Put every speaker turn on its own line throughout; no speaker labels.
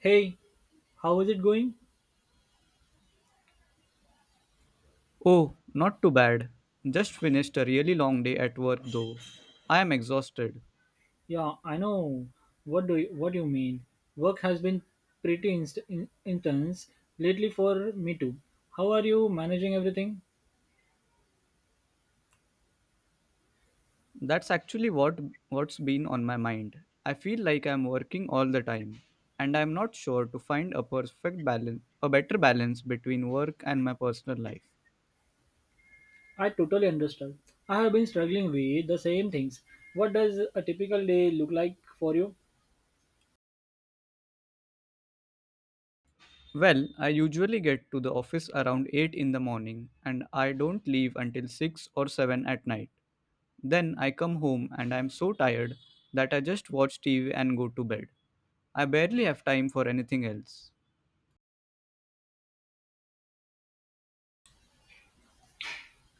Hey, how is it going?
Oh, not too bad. Just finished a really long day at work though. I am exhausted.
Yeah, I know. What do you mean? Work has been pretty intense lately for me too. How are you managing everything?
That's actually what's been on my mind. I feel like I'm working all the time and I'm not sure to find a better balance between work and my personal life.
I totally understand. I have been struggling with the same things. What does a typical day look like for you?
Well, I usually get to the office around 8 in the morning and I don't leave until 6 or 7 at night. Then I come home and I'm so tired that I just watch TV and go to bed. I barely have time for anything else.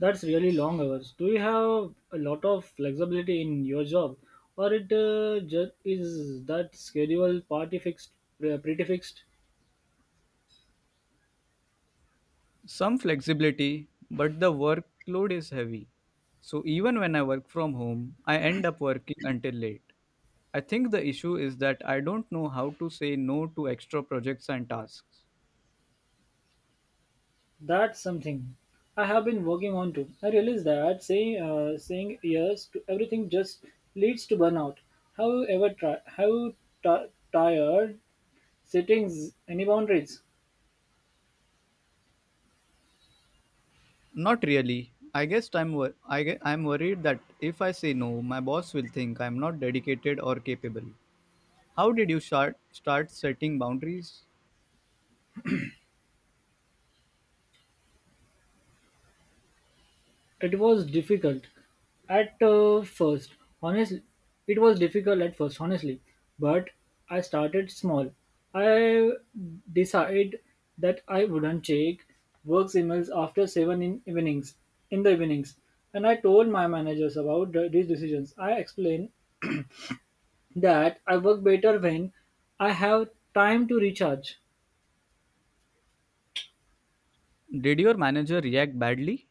That's really long hours. Do you have a lot of flexibility in your job, or it just is that pretty fixed?
Some flexibility, but the workload is heavy. So even when I work from home, I end up working until late. I think the issue is that I don't know how to say no to extra projects and tasks.
That's something I have been working on too. I realize that saying yes to everything just leads to burnout. Have you ever tried? Have you ti tired settings any boundaries?
Not really. I guess I'm worried that if I say no, my boss will think I'm not dedicated or capable. How did you start setting boundaries?
It was difficult at first, honestly. It was difficult at first, honestly, but I started small. I decided that I wouldn't check work emails after 7 in the evenings and I told my managers about these decisions. I explained that I work better when I have time to recharge.
Did your manager react badly?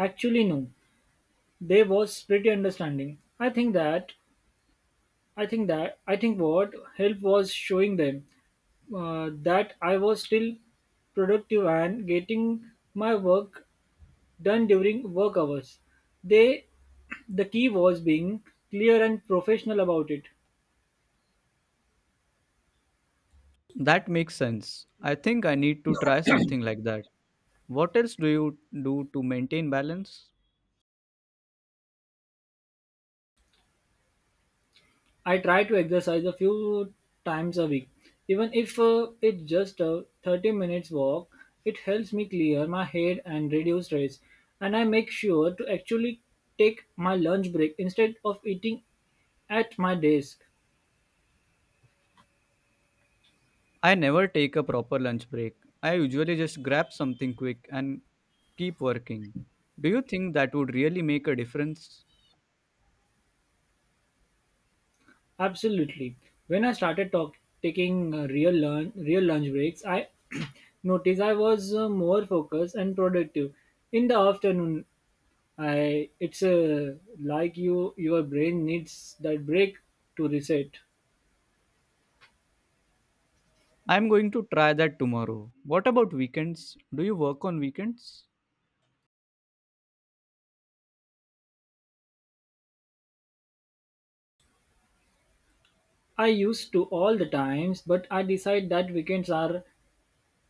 Actually, no. They was pretty understanding. I think what helped was showing them that I was still productive and getting my work done during work hours. They the key was being clear and professional about it.
That makes sense. I think I need to try something like that. What else do you do to maintain balance?
I try to exercise a few times a week. Even if it's just a 30 minutes walk, it helps me clear my head and reduce stress. And I make sure to actually take my lunch break instead of eating at my desk.
I never take a proper lunch break. I usually just grab something quick and keep working. Do you think that would really make a difference?
Absolutely. When I started talk, taking real lunch breaks, I noticed I was more focused and productive. In the afternoon, I it's like your brain needs that break to reset.
I'm going to try that tomorrow. What about weekends? Do you work on weekends?
I used to all the times, but I decide that weekends are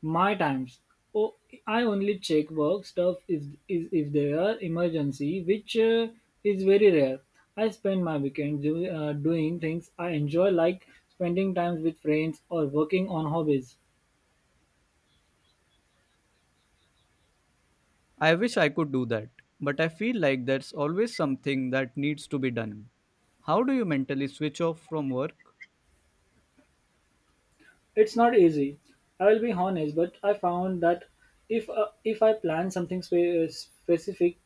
my times. Oh, I only check work stuff if there are emergency, which is very rare. I spend my weekend doing things I enjoy, like spending time with friends or working on hobbies.
I wish I could do that, but I feel like there's always something that needs to be done. How do you mentally switch off from work?
It's not easy. I will be honest, but I found that if I plan something specific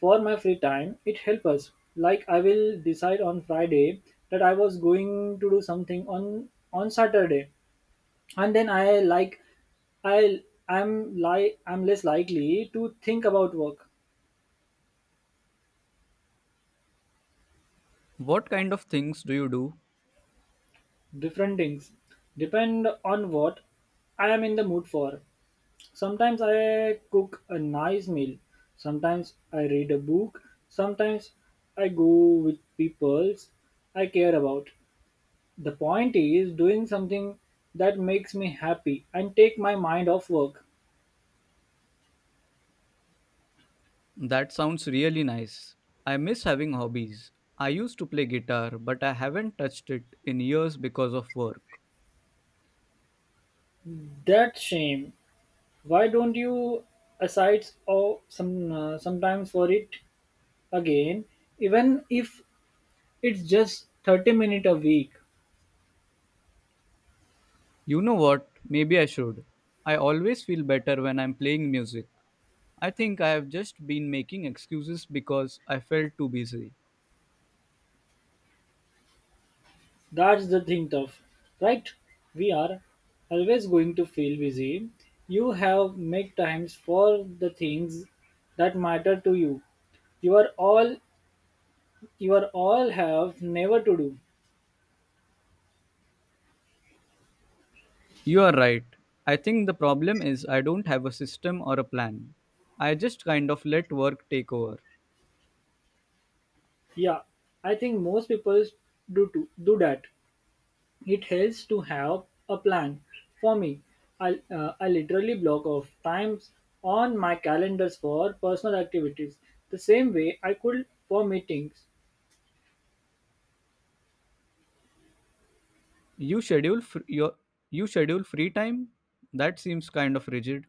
for my free time, it helps us. Like I will decide on Friday that I was going to do something on Saturday and then I like I I'm like I'm less likely to think about work.
What kind of things do you do?
Different things depend on what I am in the mood for. Sometimes I cook a nice meal, sometimes I read a book, sometimes I go with people I care about. The point is doing something that makes me happy and take my mind off work.
That sounds really nice. I miss having hobbies. I used to play guitar, but I haven't touched it in years because of work.
That shame. Why don't you aside or sometimes for it again, even if it's just 30 minutes a week?
You know what? Maybe I should. I always feel better when I'm playing music. I think I have just been making excuses because I felt too busy.
That's the thing of, right? We are always going to feel busy. You have make times for the things that matter to you. You are all you are all have never to do.
You are right. I think the problem is I don't have a system or a plan. I just kind of let work take over.
Yeah, I think most people do to do that. It helps to have a plan. For me, I literally block off times on my calendars for personal activities, the same way I could for meetings.
You schedule fr- your you schedule free time? That seems kind of rigid.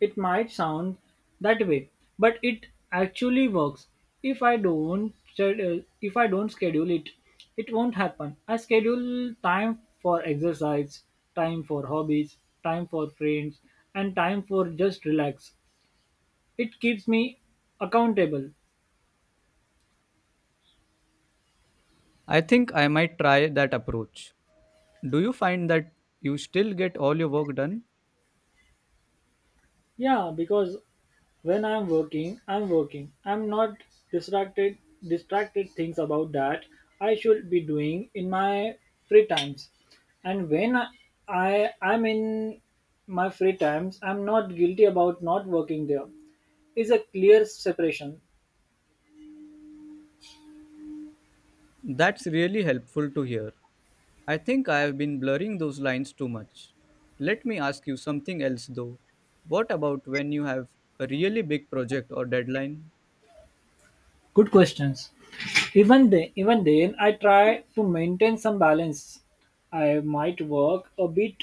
It might sound that way, but it actually works. If I don't schedule it, it won't happen. I schedule time for exercise, time for hobbies, time for friends, and time for just relax. It keeps me accountable.
I think I might try that approach. Do you find that you still get all your work done?
Yeah, because when I'm working, I'm working. I'm not distracted distracted things about that I should be doing in my free times. And I I'm in my free times, I'm not guilty about not working there. Is a clear separation.
That's really helpful to hear. I think I have been blurring those lines too much. Let me ask you something else though. What about when you have a really big project or deadline?
Good questions. Even then, I try to maintain some balance. I might work a bit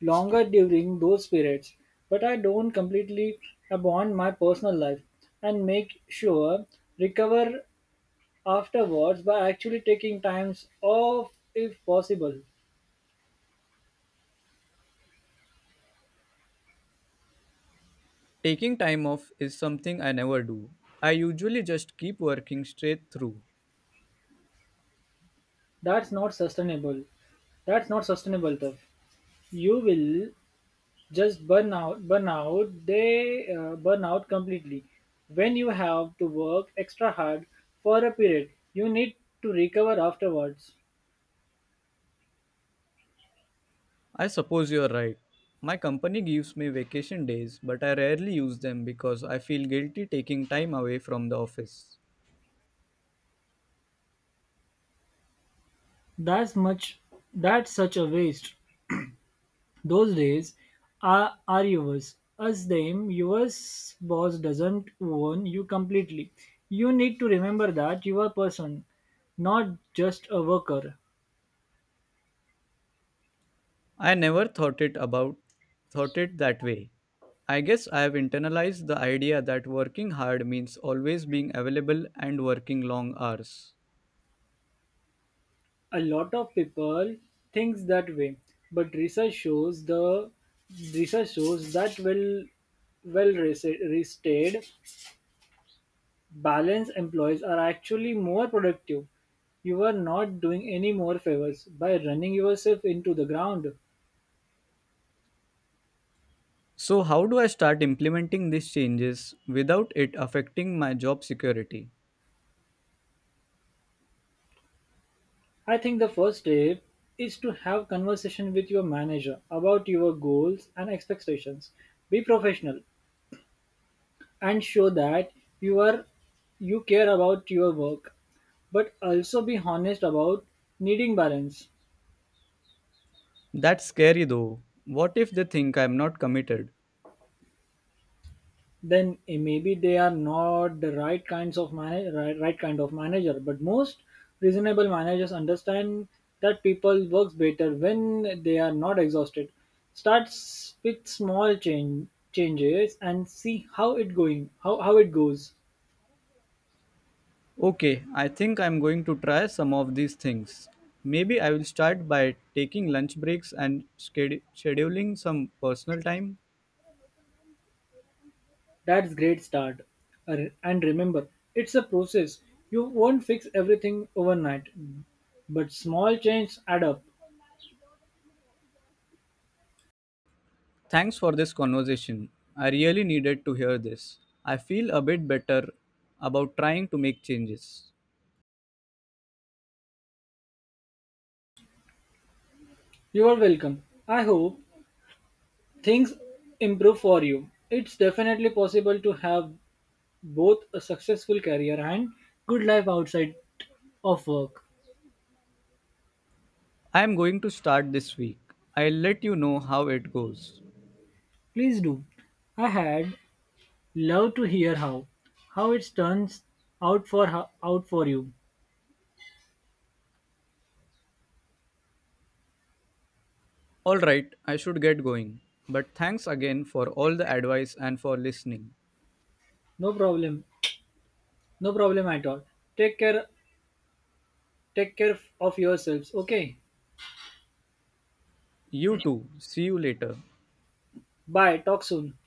longer during those periods, but I don't completely abandon my personal life and make sure recover afterwards by actually taking times off if possible.
Taking time off is something I never do. I usually just keep working straight through.
That's not sustainable. That's not sustainable, though. You will just burn out completely when you have to work extra hard for a period you need to recover afterwards.
I suppose you're right. My company gives me vacation days, but I rarely use them because I feel guilty taking time away from the office.
that's much that's such a waste. Those days are yours as them. Your boss doesn't own you completely. You need to remember that you are a person, not just a worker.
I never thought it that way. I guess I have internalized the idea that working hard means always being available and working long hours.
A lot of people thinks that way, but research shows that well rested balanced employees are actually more productive. You are not doing any more favors by running yourself into the ground.
So how do I start implementing these changes without it affecting my job security?
I think the first step is to have conversation with your manager about your goals and expectations. Be professional and show that you are you care about your work, but also be honest about needing balance.
That's scary though. What if they think I'm not committed?
Then maybe they are not the right kind of manager, but most reasonable managers understand that people works better when they are not exhausted. Starts with small changes and see how it goes.
Okay, I think I'm going to try some of these things. Maybe I will start by taking lunch breaks and schedule scheduling some personal time.
That's great start. And remember, it's a process. You won't fix everything overnight, but small changes add up.
Thanks for this conversation. I really needed to hear this. I feel a bit better about trying to make changes.
You are welcome. I hope things improve for you. It's definitely possible to have both a successful career and good life outside of work.
I am going to start this week. I'll let you know how it goes.
Please do. I had love to hear how it turns out for you.
Alright, I should get going. But thanks again for all the advice and for listening.
No problem. No problem at all. Take care Take care of yourselves, okay?
You too. See you later.
Bye, talk soon.